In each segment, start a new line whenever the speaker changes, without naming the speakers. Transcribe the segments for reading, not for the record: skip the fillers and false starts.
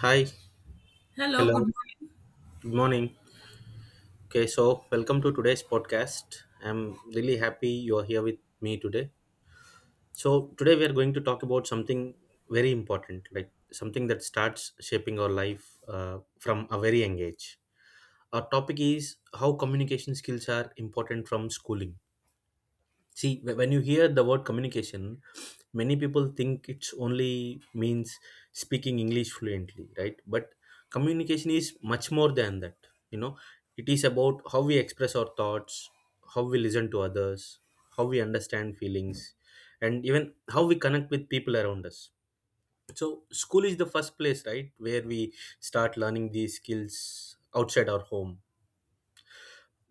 Hi,
Hello, good
hello,
morning.
good morning. Okay, so welcome to today's podcast. I'm really happy you're here with me today. So, today we are going to talk about something very important, like something that starts shaping our life from a very young age. Our topic is how communication skills are important from schooling. See, when you hear the word communication, many people think it's only means speaking English fluently, right? But communication is much more than that, you know. It is about how we express our thoughts, how we listen to others, how we understand feelings, and even how we connect with people around us. So school is the first place, right, where we start learning these skills outside our home.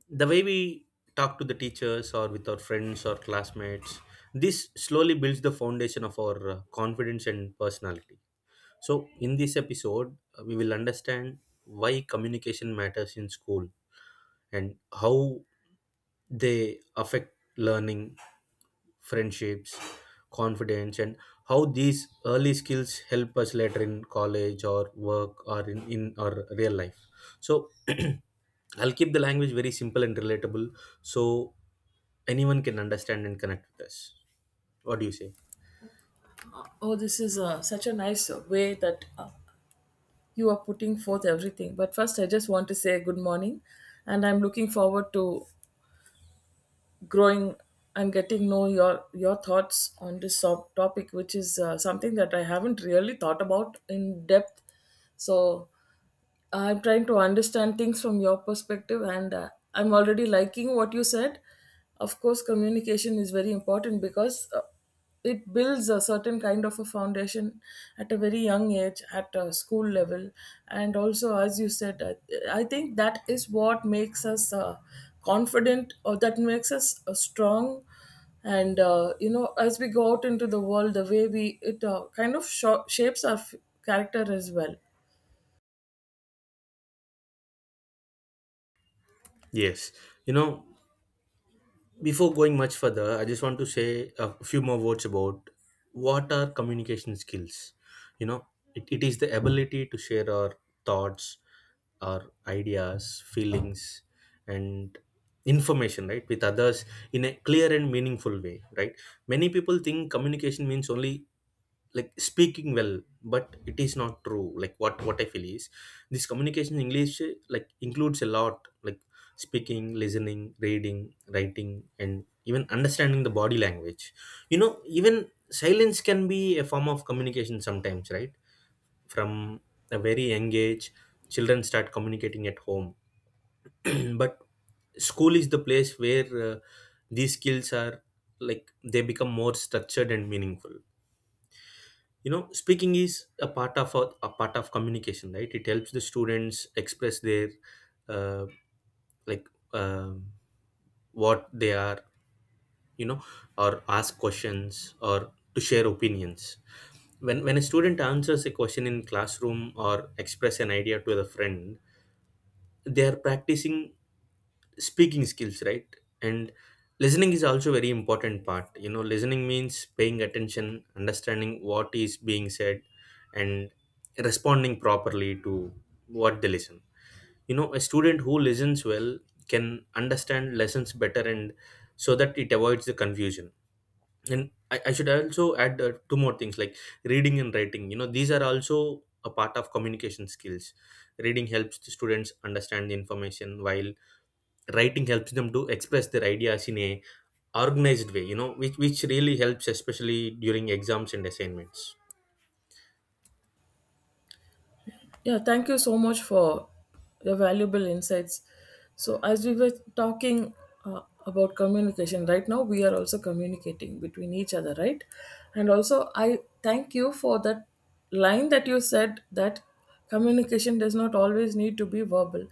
The way we talk to the teachers or with our friends or classmates, this slowly builds the foundation of our confidence and personality. So in this episode we will understand why communication matters in school, and how they affect learning, friendships, confidence, and how these early skills help us later in college or work or in our real life. So I'll keep the language very simple and relatable. So anyone can understand and connect with us. What do you say?
Oh, this is such a nice way that you are putting forth everything. But first, I just want to say good morning, and I'm looking forward to growing and getting know your thoughts on this topic, which is something that I haven't really thought about in depth. So. I'm trying to understand things from your perspective, and I'm already liking what you said. Of course, communication is very important because it builds a certain kind of a foundation at a very young age, at a school level, and also, as you said, I think that is what makes us confident, or that makes us strong and you know as we go out into the world the way we it kind of shapes our character as well.
Yes. You know, before going much further, I just want to say a few more words about what are communication skills. You know, it is the ability to share our thoughts, our ideas, feelings, and information, right, with others in a clear and meaningful way, right? Many people think communication means only like speaking well, but it is not true. Like, what I feel is this communication in English, like, includes a lot, like speaking, listening, reading, writing, and even understanding the body language. You know, even silence can be a form of communication sometimes, right? From a very young age, children start communicating at home. But school is the place where these skills are, like, they become more structured and meaningful. You know, speaking is a part of a part of communication, right? It helps the students express their uh, like, um what they are, you know, or ask questions or to share opinions. When a student answers a question in classroom or express an idea to the friend, they are practicing speaking skills, right? And listening is also very important part. You know, listening means paying attention, understanding what is being said, and responding properly to what they listen. You know, a student who listens well can understand lessons better and so that it avoids the confusion. And I should also add two more things, like reading and writing. You know, these are also a part of communication skills. Reading helps the students understand the information, while writing helps them to express their ideas in a organized way, you know, which really helps especially during exams and assignments.
Yeah, thank you so much for your valuable insights. So, as we were talking about communication, right now we are also communicating between each other, right? And also, I thank you for that line that you said that communication does not always need to be verbal.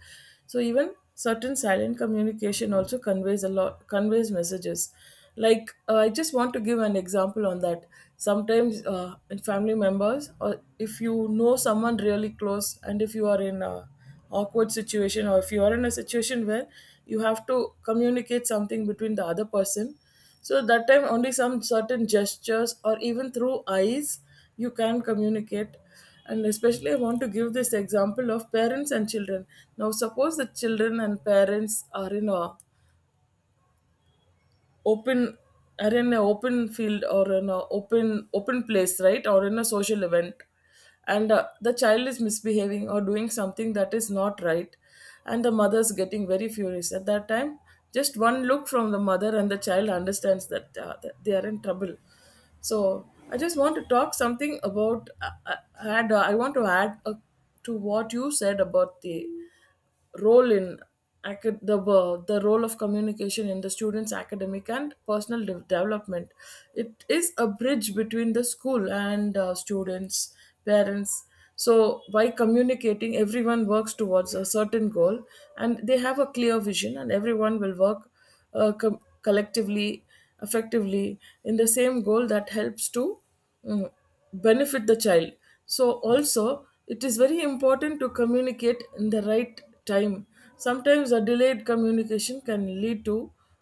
So, even certain silent communication also conveys a lot, conveys messages like I just want to give an example on that. Sometimes in family members or if you know someone really close and if you are in a awkward situation or if you are in a situation where you have to communicate something between the other person, so that time only some certain gestures or even through eyes you can communicate. And especially I want to give this example of parents and children. Now suppose the children and parents are in a open, are in a open field or in a open place, right, or in a social event, and the child is misbehaving or doing something that is not right, and the mother's getting very furious at that time. Just one look from the mother and the child understands that, that they are in trouble. So I just want to talk something about I want to add to what you said about the role in the the role of communication in the students academic and personal development. It is a bridge between the school and students, parents. So by communicating everyone works towards a certain goal, and they have a clear vision and everyone will work collectively, effectively, in the same goal that helps to mm, benefit the child. So also it is very important to communicate in the right time. Sometimes a delayed communication can lead to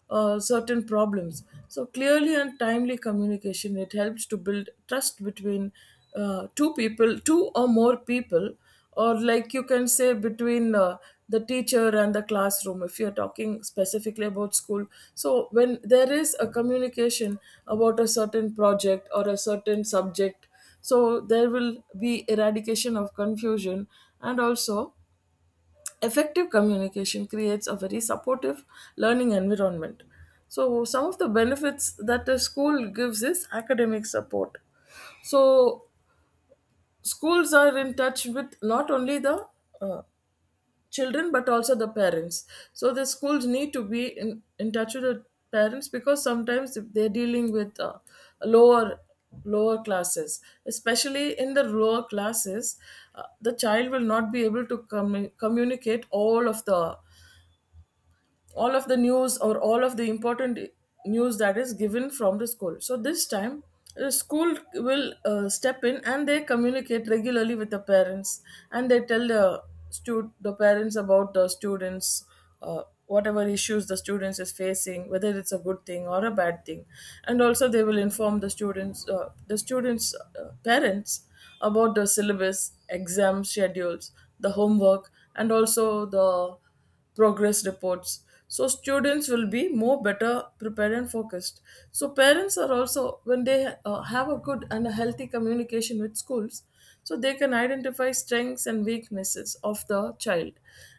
certain problems. So clearly and timely communication, it helps to build trust between two people, two or more people, or like you can say between the teacher and the classroom, if you're talking specifically about school. So when there is a communication about a certain project or a certain subject, so there will be eradication of confusion. And also effective communication creates a very supportive learning environment. So some of the benefits that a school gives is academic support. So schools are in touch with not only the uh, children but also the parents. So the schools need to be in touch with the parents, because sometimes if they're dealing with lower lower classes, especially in the lower classes, the child will not be able to communicate all of the, all of the news, or all of the important news that is given from the school. So this time the school will step in and they communicate regularly with the parents, and they tell the the parents about the students, whatever issues the students is facing, whether it's a good thing or a bad thing. And also they will inform the students, parents about the syllabus, exam schedules, the homework, and also the progress reports. So students will be more better prepared and focused. So parents are also when they have a good and a healthy communication with schools, so they can identify strengths and weaknesses of the child,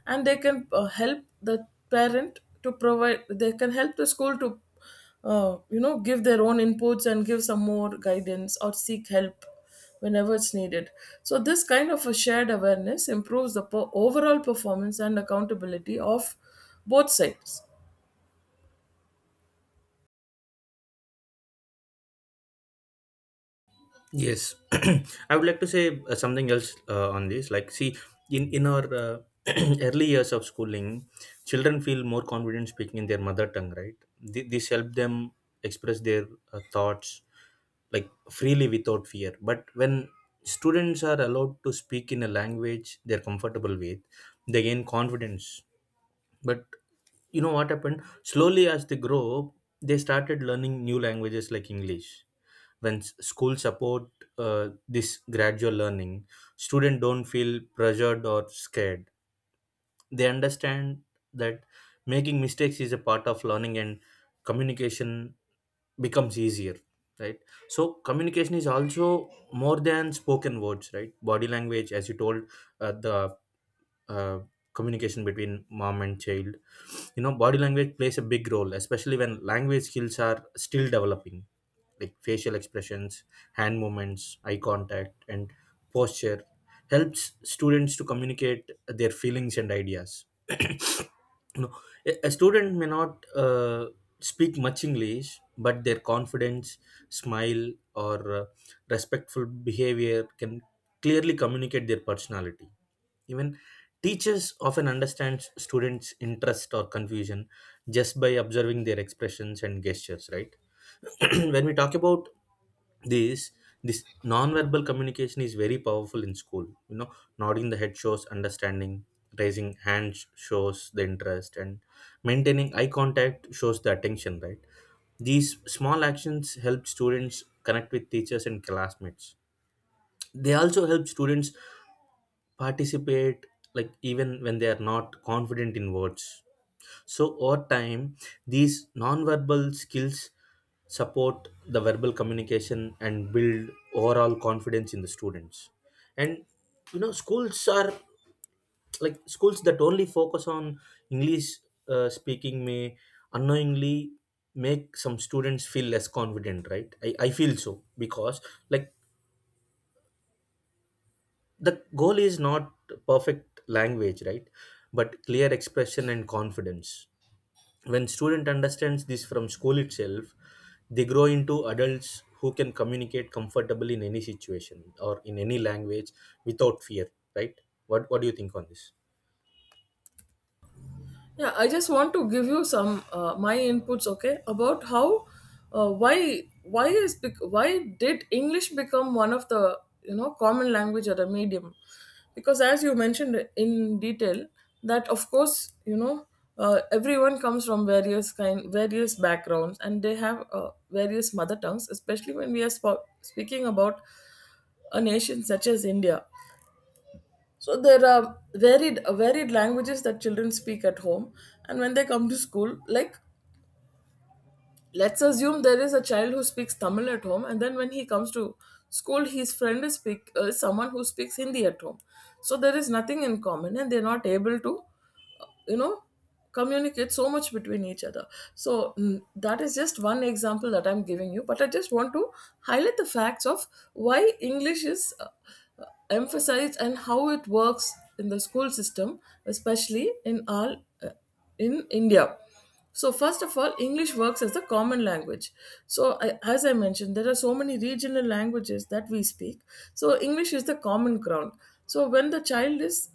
and they can help the parent to provide, they can help the school to you know give their own inputs and give some more guidance or seek help whenever it's needed. So, this kind of a shared awareness improves the overall performance and accountability of both sides.
Yes, I would like to say something else on this, like, see, in our early years of schooling, children feel more confident speaking in their mother tongue, right? This helps them express their thoughts, like, freely without fear. But when students are allowed to speak in a language they're comfortable with, they gain confidence. But you know what happened, slowly as they grow up they started learning new languages like English. When school support this gradual learning, students don't feel pressured or scared. They understand that making mistakes is a part of learning, and communication becomes easier, right? So communication is also more than spoken words, right? Body language, as you told, the uh, communication between mom and child, you know, body language plays a big role, especially when language skills are still developing. Like facial expressions, hand movements, eye contact and posture helps students to communicate their feelings and ideas. No, a student may not uh, speak much English, but their confidence, smile, or respectful behavior can clearly communicate their personality. Even teachers often understand students interest or confusion just by observing their expressions and gestures, right? When we talk about this this non-verbal communication is very powerful in school. You know, nodding the head shows understanding, raising hands shows the interest, and maintaining eye contact shows the attention, right? These small actions help students connect with teachers and classmates. They also help students participate, like even when they are not confident in words. So, over time, these non-verbal skills support the verbal communication and build overall confidence in the students. And you know, schools are, like schools that only focus on English speaking may unknowingly make some students feel less confident, right? I feel so, because like the goal is not perfect language, right, but clear expression and confidence. When student understands this from school itself, they grow into adults who can communicate comfortably in any situation or in any language without fear, right? What do you think on this?
Yeah, I just want to give you some my inputs, okay, about how why is why did English become one of the you know common language or a medium? Because as you mentioned in detail, that of course you know everyone comes from various kind various backgrounds and they have various mother tongues, especially when we are speaking about a nation such as India. So there are varied languages that children speak at home, and when they come to school, like let's assume there is a child who speaks Tamil at home, and then when he comes to school, his friend is speak someone who speaks Hindi at home. So there is nothing in common, and they're not able to, you know, communicate so much between each other. So that is just one example that I'm giving you, but I just want to highlight the facts of why English is uh, emphasized and how it works in the school system, especially in our uh, in India. So, first of all, English works as the common language. So, I, as I mentioned, there are so many regional languages that we speak. So, English is the common ground. So, when the child is,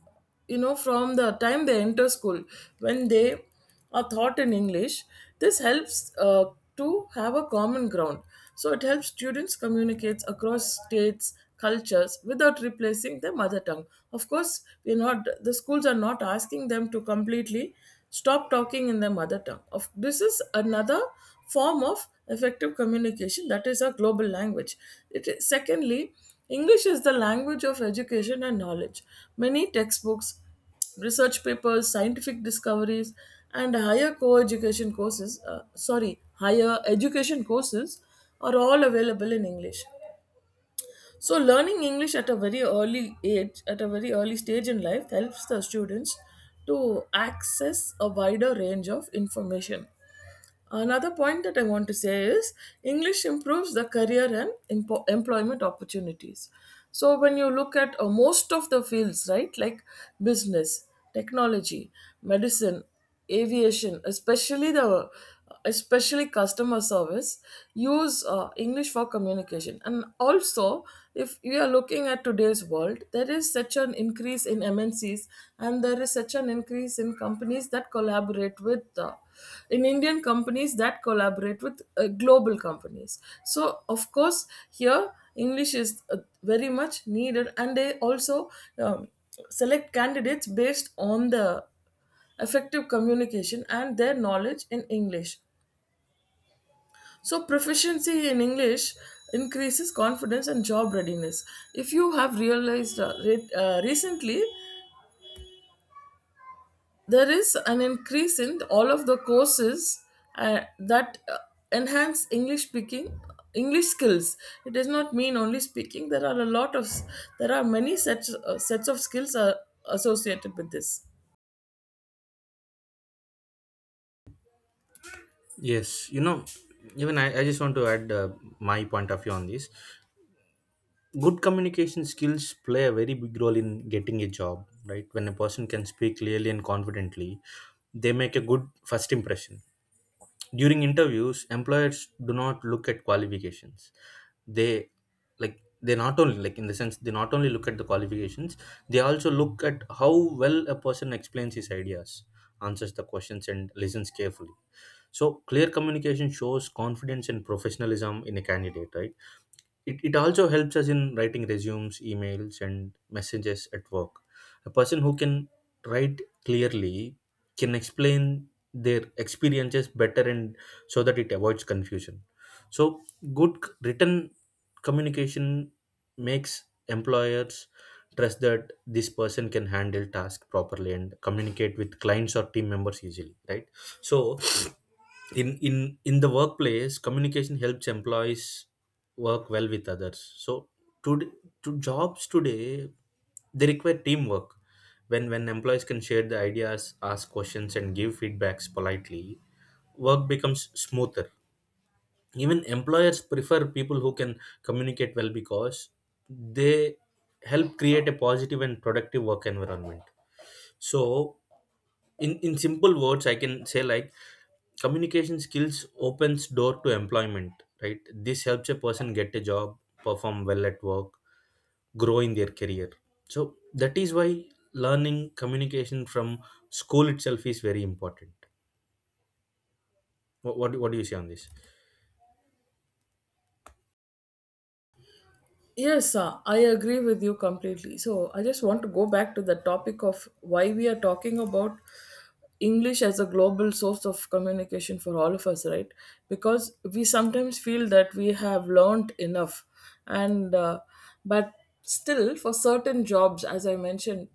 you know, from the time they enter school, when they or thought in English, this helps to have a common ground. So it helps students communicate across states, cultures without replacing their mother tongue. Of course, we're not, the schools are not asking them to completely stop talking in their mother tongue. Of this is another form of effective communication that is a global language. It is, secondly, English is the language of education and knowledge. Many textbooks, research papers, scientific discoveries, and higher co-education courses, sorry, higher education courses are all available in English. So learning English at a very early age, at a very early stage in life helps the students to access a wider range of information. Another point that I want to say is English improves the career and employment opportunities. So, when you look at most of the fields, right, like business, technology, medicine, aviation, especially the especially customer service, use english for communication. And also if we are looking at today's world, there is such an increase in MNCs, and there is such an increase in companies that collaborate with in Indian companies that collaborate with global companies. So, of course, here English is very much needed, and they also um, select candidates based on the effective communication and their knowledge in English. So, proficiency in English increases confidence and job readiness. If you have realized recently, there is an increase in all of the courses that enhance english speaking, english skills. It does not mean only speaking. There are a lot of, there are many sets, sets of skills are associated with this.
Yes, you know, even I just want to add my point of view on this. Good communication skills play a very big role in getting a job, right? When a person can speak clearly and confidently, they make a good first impression. During interviews, employers do not look at qualifications. They, like, they not only, like, in the sense, they not only look at the qualifications, they also look at how well a person explains his ideas, answers the questions and listens carefully. So clear communication shows confidence and professionalism in a candidate, right? It also helps us in writing resumes, emails, and messages at work. A person who can write clearly can explain their experiences better and so that it avoids confusion. So good written communication makes employers trust that this person can handle task properly and communicate with clients or team members easily, right? So in the workplace, communication helps employees work well with others. So to to jobs today, they require teamwork. When employees can share the ideas, ask questions and give feedbacks politely, work becomes smoother. Even employers prefer people who can communicate well, because they help create a positive and productive work environment. So in simple words I can say, like, communication skills opens door to employment, right? This helps a person get a job, perform well at work, grow in their career. So that is why learning communication from school itself is very important. What do you say on this?
Yes, I agree with you completely. So I just want to go back to the topic of why we are talking about English as a global source of communication for all of us, right? Because we sometimes feel that we have learned enough, and but still, for certain jobs, as I mentioned,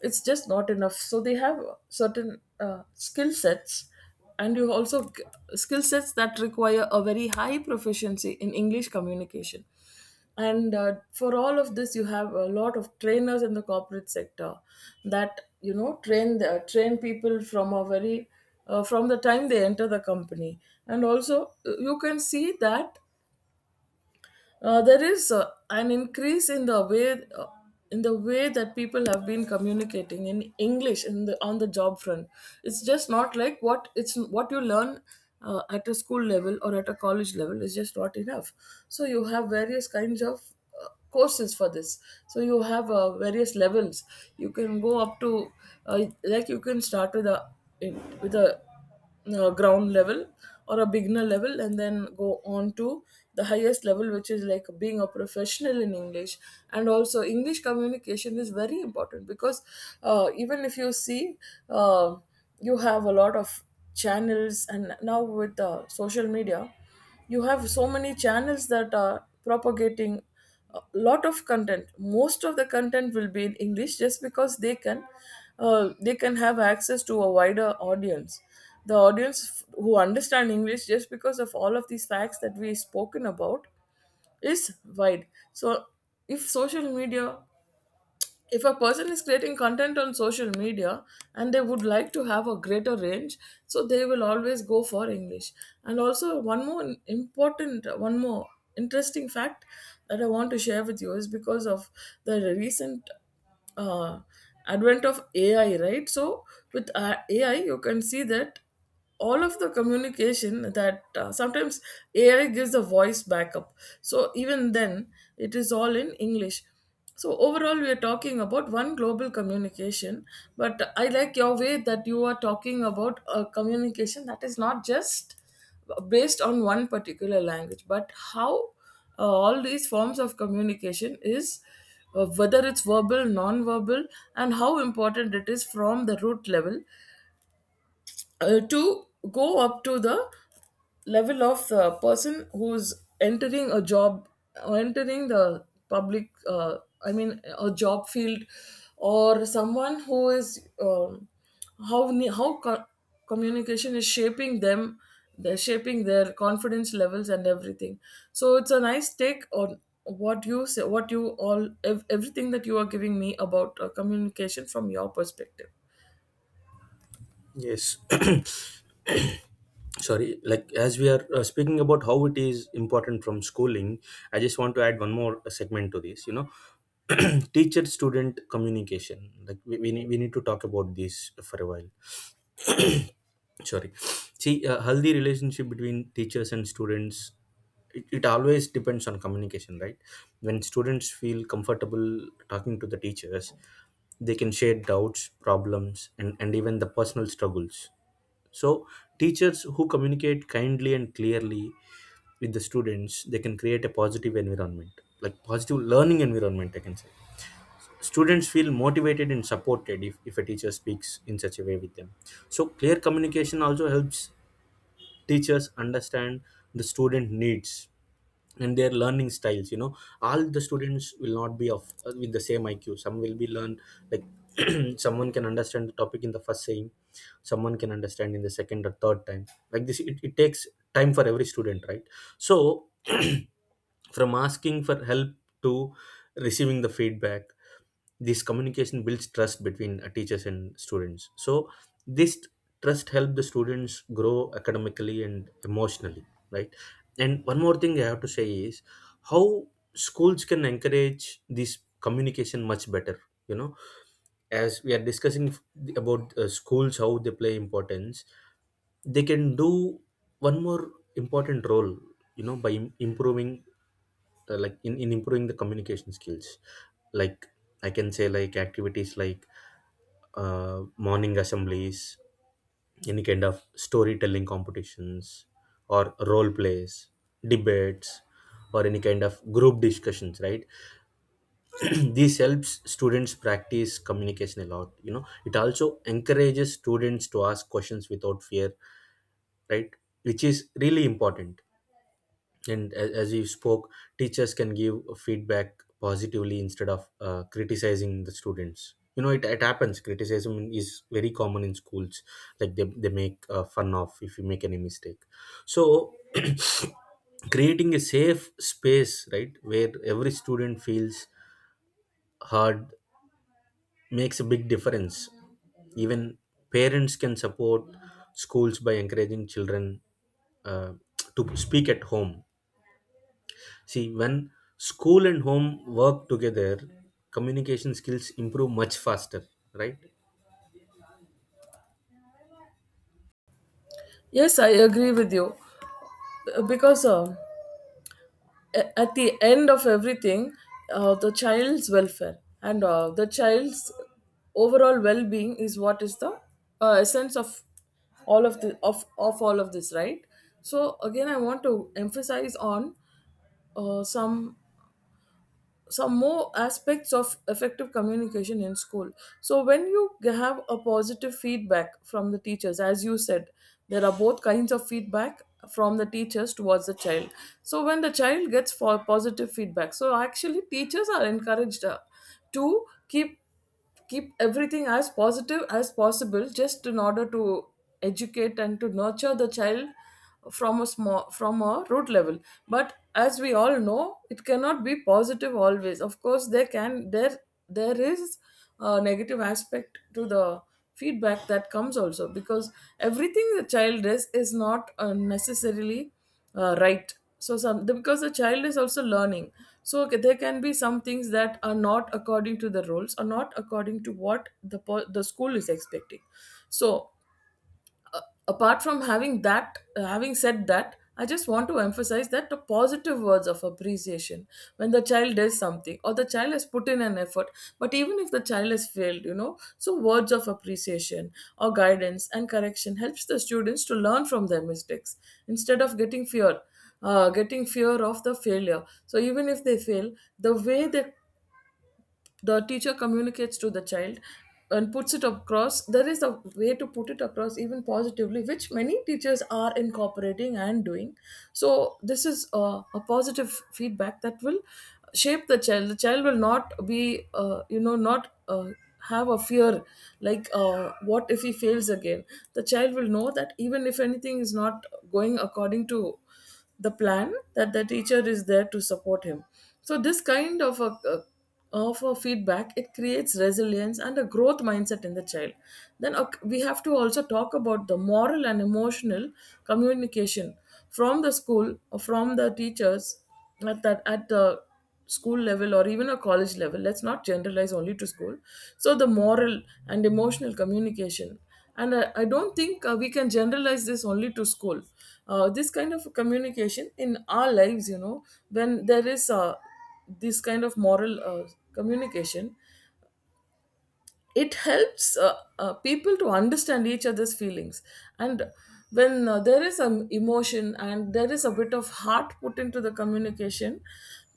it's just not enough. So they have certain skill sets, and you also skill sets that require a very high proficiency in English communication. And for all of this you have a lot of trainers in the corporate sector that you know train the, train people from a very from the time they enter the company. And also you can see that there is an increase uh, in the way that people have been communicating in English in the, on the job front. It's just not like what it's what you learn at a school level or at a college level is just not enough. So you have various kinds of courses for this. So you have various levels. You can go up to like you can start with a in- with a ground level or a beginner level and then go on to the highest level, which is like being a professional in English. And also, English communication is very important because even if you see, uh, you have a lot of channels, and now with social media, you have so many channels that are propagating a lot of content. Most of the content will be in English just because they can have access to a wider audience. The who understand English, just because of all of these facts that we spoken about, is wide. So if social media, if a person is creating content on social media and they would like to have a greater range, so they will always go for English. And also, one more important, one more interesting fact that I want to share with you is because of the recent uh, advent of AI, right? So with AI you can see that all of the communication that sometimes AI gives the voice backup, so even then it is all in English. So overall, we are talking about one global communication, but I like your way that you are talking about a communication that is not just based on one particular language, but how all these forms of communication is, whether it's verbal, non-verbal, and how important it is from the root level to go up to the level of the person who's entering a job, entering the public, I mean a job field, or someone who is how ne- how co- communication is shaping them, they're shaping their confidence levels and everything. So it's a nice take on what you say, what you all ev- everything that you are giving me about communication from your perspective.
Yes. Sorry, like as we are speaking about how it is important from schooling, I just want to add one more segment to this, you know, teacher student communication. Like we need to talk about this for a while. Sorry. See, healthy relationship between teachers and students, it always depends on communication, right? When students feel comfortable talking to the teachers, they can share doubts, problems, and even the personal struggles. So teachers who communicate kindly and clearly with the students, they can create a positive environment, like positive learning environment, I can say. Students feel motivated and supported if a teacher speaks in such a way with them. So clear communication also helps teachers understand the student needs and their learning styles. You know, all the students will not be of with the same IQ. Some will be learned like, someone can understand the topic in the first saying, someone can understand in the second or third time. Like this, it takes time for every student, right? So from asking for help to receiving the feedback, this communication builds trust between teachers and students. So this trust help the students grow academically and emotionally, right? And one more thing I have to say is how schools can encourage this communication much better. You know, as we are discussing about schools, how they play importance, they can do one more important role. You know, by improving like in improving the communication skills, like, I can say, like activities like morning assemblies, any kind of storytelling competitions, or role plays, debates, or any kind of group discussions, right? This helps students practice communication a lot. You know, it also encourages students to ask questions without fear, right, which is really important. And as you spoke, teachers can give feedback positively instead of criticizing the students. You know, it happens, criticism is very common in schools. Like they make fun of if you make any mistake. So creating a safe space, right, where every student feels heard makes a big difference. Even parents can support schools by encouraging children uh, to speak at home. See, when school and home work together, communication skills improve much faster, right?
Yes, I agree with you. Because at the end of everything, the child's welfare and the child's overall well-being is what is the essence of all of the of all of this, right? So again, I want to emphasize on uh, some some more aspects of effective communication in school. So when you have a positive feedback from the teachers, as you said, there are both kinds of feedback from the teachers towards the child. So when the child gets for positive feedback, so actually teachers are encouraged to keep everything as positive as possible just in order to educate and to nurture the child from a small, from a root level. But as we all know, it cannot be positive always. Of course, there can, there is a negative aspect to the feedback that comes also, because everything the child does is not necessarily right. So because the child is also learning, so there can be some things that are not according to the rules or not according to what the school is expecting. So a- apart from having that having said that, I just want to emphasize that the positive words of appreciation when the child does something or the child has put in an effort, but even if the child has failed, you know, so words of appreciation or guidance and correction helps the students to learn from their mistakes instead of getting fear, getting fear of the failure. So even if they fail, the way the teacher communicates to the child and puts it across, there is a way to put it across even positively, which many teachers are incorporating and doing. So this is a positive feedback that will shape the child. The child will not be you know, not have a fear, like what if he fails again. The child will know that even if anything is not going according to the plan, that the teacher is there to support him. So this kind of a feedback, it creates resilience and a growth mindset in the child. Then ok, we have to also talk about the moral and emotional communication from the school or from the teachers at that at the school level, or even a college level. Let's not generalize only to school. So the moral and emotional communication, and I don't think we can generalize this only to school. This kind of communication in our lives, you know, when there is this kind of moral communication, it helps people to understand each other's feelings. And when there is some emotion and there is a bit of heart put into the communication,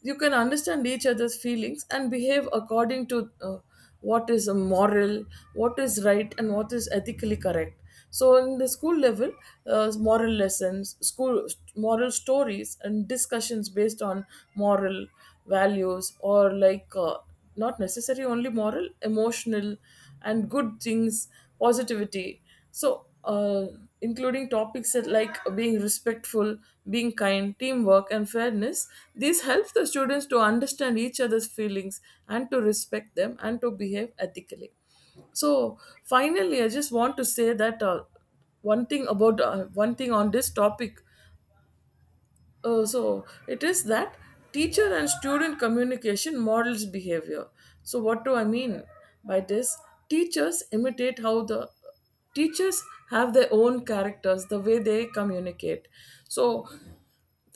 you can understand each other's feelings and behave according to what is a moral, what is right, and what is ethically correct. So in the school level, moral lessons, school moral stories, and discussions based on moral values, or like not necessarily only moral, emotional, and good things, positivity. So including topics that like being respectful, being kind, teamwork, and fairness. These help the students to understand each other's feelings and to respect them and to behave ethically. So finally, I just want to say that one thing about, one thing on this topic. So it is that teacher and student communication models behavior. So what do I mean by this? Teachers imitate how the teachers have their own characters, the way they communicate. So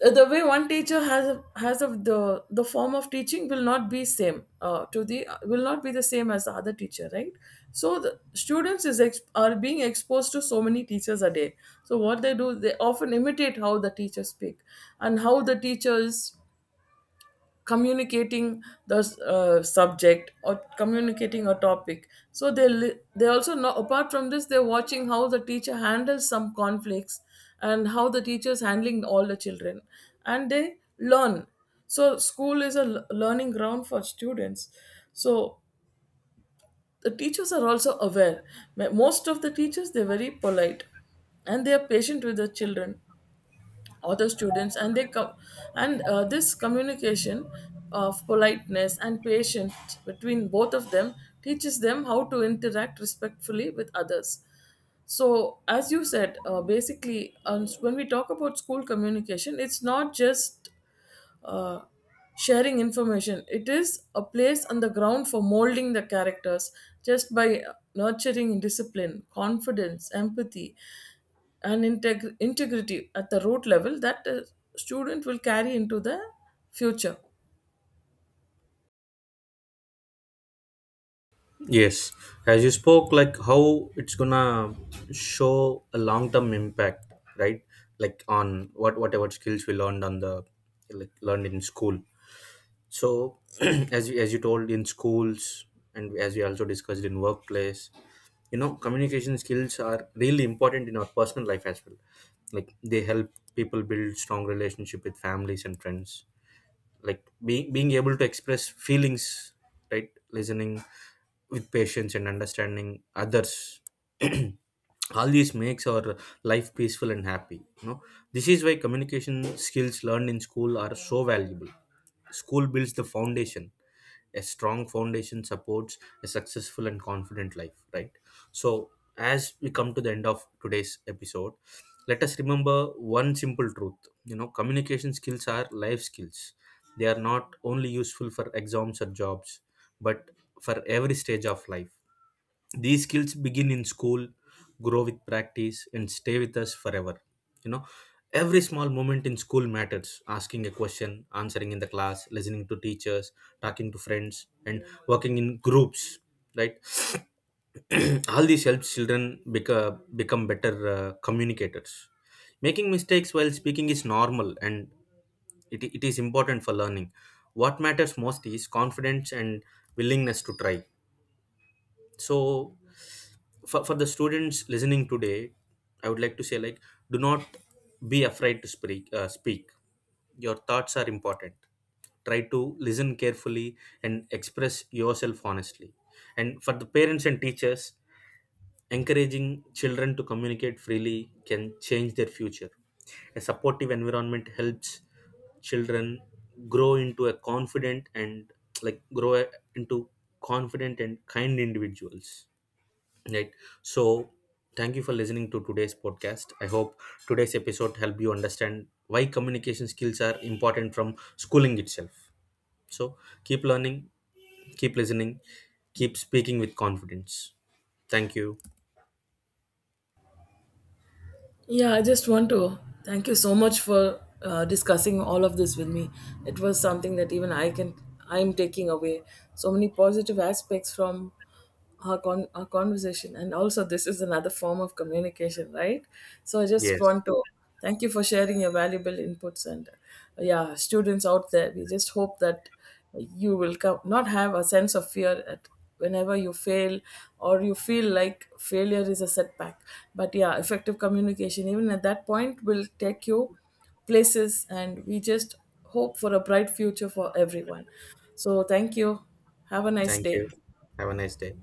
the way one teacher has of the form of teaching will not be same to the, will not be the same as the other teacher, right? So the students are being exposed to so many teachers a day. So what they do, they often imitate how the teachers speak and how the teachers communicating the subject or communicating a topic. So they also know, apart from this, they're watching how the teacher handles some conflicts and how the teacher is handling all the children, and they learn. So school is a learning ground for students. So the teachers are also aware. Most of the teachers, they're very polite and they are patient with the children, other students, and they come, and this communication of politeness and patience between both of them teaches them how to interact respectfully with others. So as you said, basically, when we talk about school communication, it's not just uh, sharing information, it is a place on the ground for molding the characters, just by nurturing discipline, confidence, empathy, and integrity at the root level, that a student will carry into the future.
Yes, as you spoke, like how it's gonna show a long-term impact, right? Like on what whatever skills we learned on the, like, learned in school. So as you told in schools and as we also discussed in workplace, you know, communication skills are really important in our personal life as well. Like they help people build strong relationship with families and friends. Like being able to express feelings, right, listening with patience and understanding others, all these makes our life peaceful and happy. You know, this is why communication skills learned in school are so valuable. School builds the foundation. A strong foundation supports a successful and confident life, right? So as we come to the end of today's episode, let us remember one simple truth. You know, communication skills are life skills. They are not only useful for exams or jobs, but for every stage of life. These skills begin in school, grow with practice, and stay with us forever. You know, every small moment in school matters: asking a question, answering in the class, listening to teachers, talking to friends, and working in groups, right? All these helps children become better communicators. Making mistakes while speaking is normal, and it is important for learning. What matters most is confidence and willingness to try. So for the students listening today, I would like to say, like, do not be afraid to speak. Speak, your thoughts are important. Try to listen carefully and express yourself honestly. And for the parents and teachers, encouraging children to communicate freely can change their future. A supportive environment helps children grow into a confident and, like, grow into confident and kind individuals, right? So thank you for listening to today's podcast. I hope today's episode helped you understand why communication skills are important from schooling itself. So keep learning, keep listening, keep speaking with confidence. Thank you.
Yeah, I just want to thank you so much for discussing all of this with me. It was something that even I can, I'm taking away so many positive aspects from our conversation. And also this is another form of communication, right? So I just
Yes,
want to thank you for sharing your valuable inputs, and yeah, students out there, we just hope that you will come, not have a sense of fear at whenever you fail or you feel like failure is a setback. But yeah, effective communication even at that point will take you places, and we just hope for a bright future for everyone. So thank you. Have a nice
thank
day.
you. Have a nice day.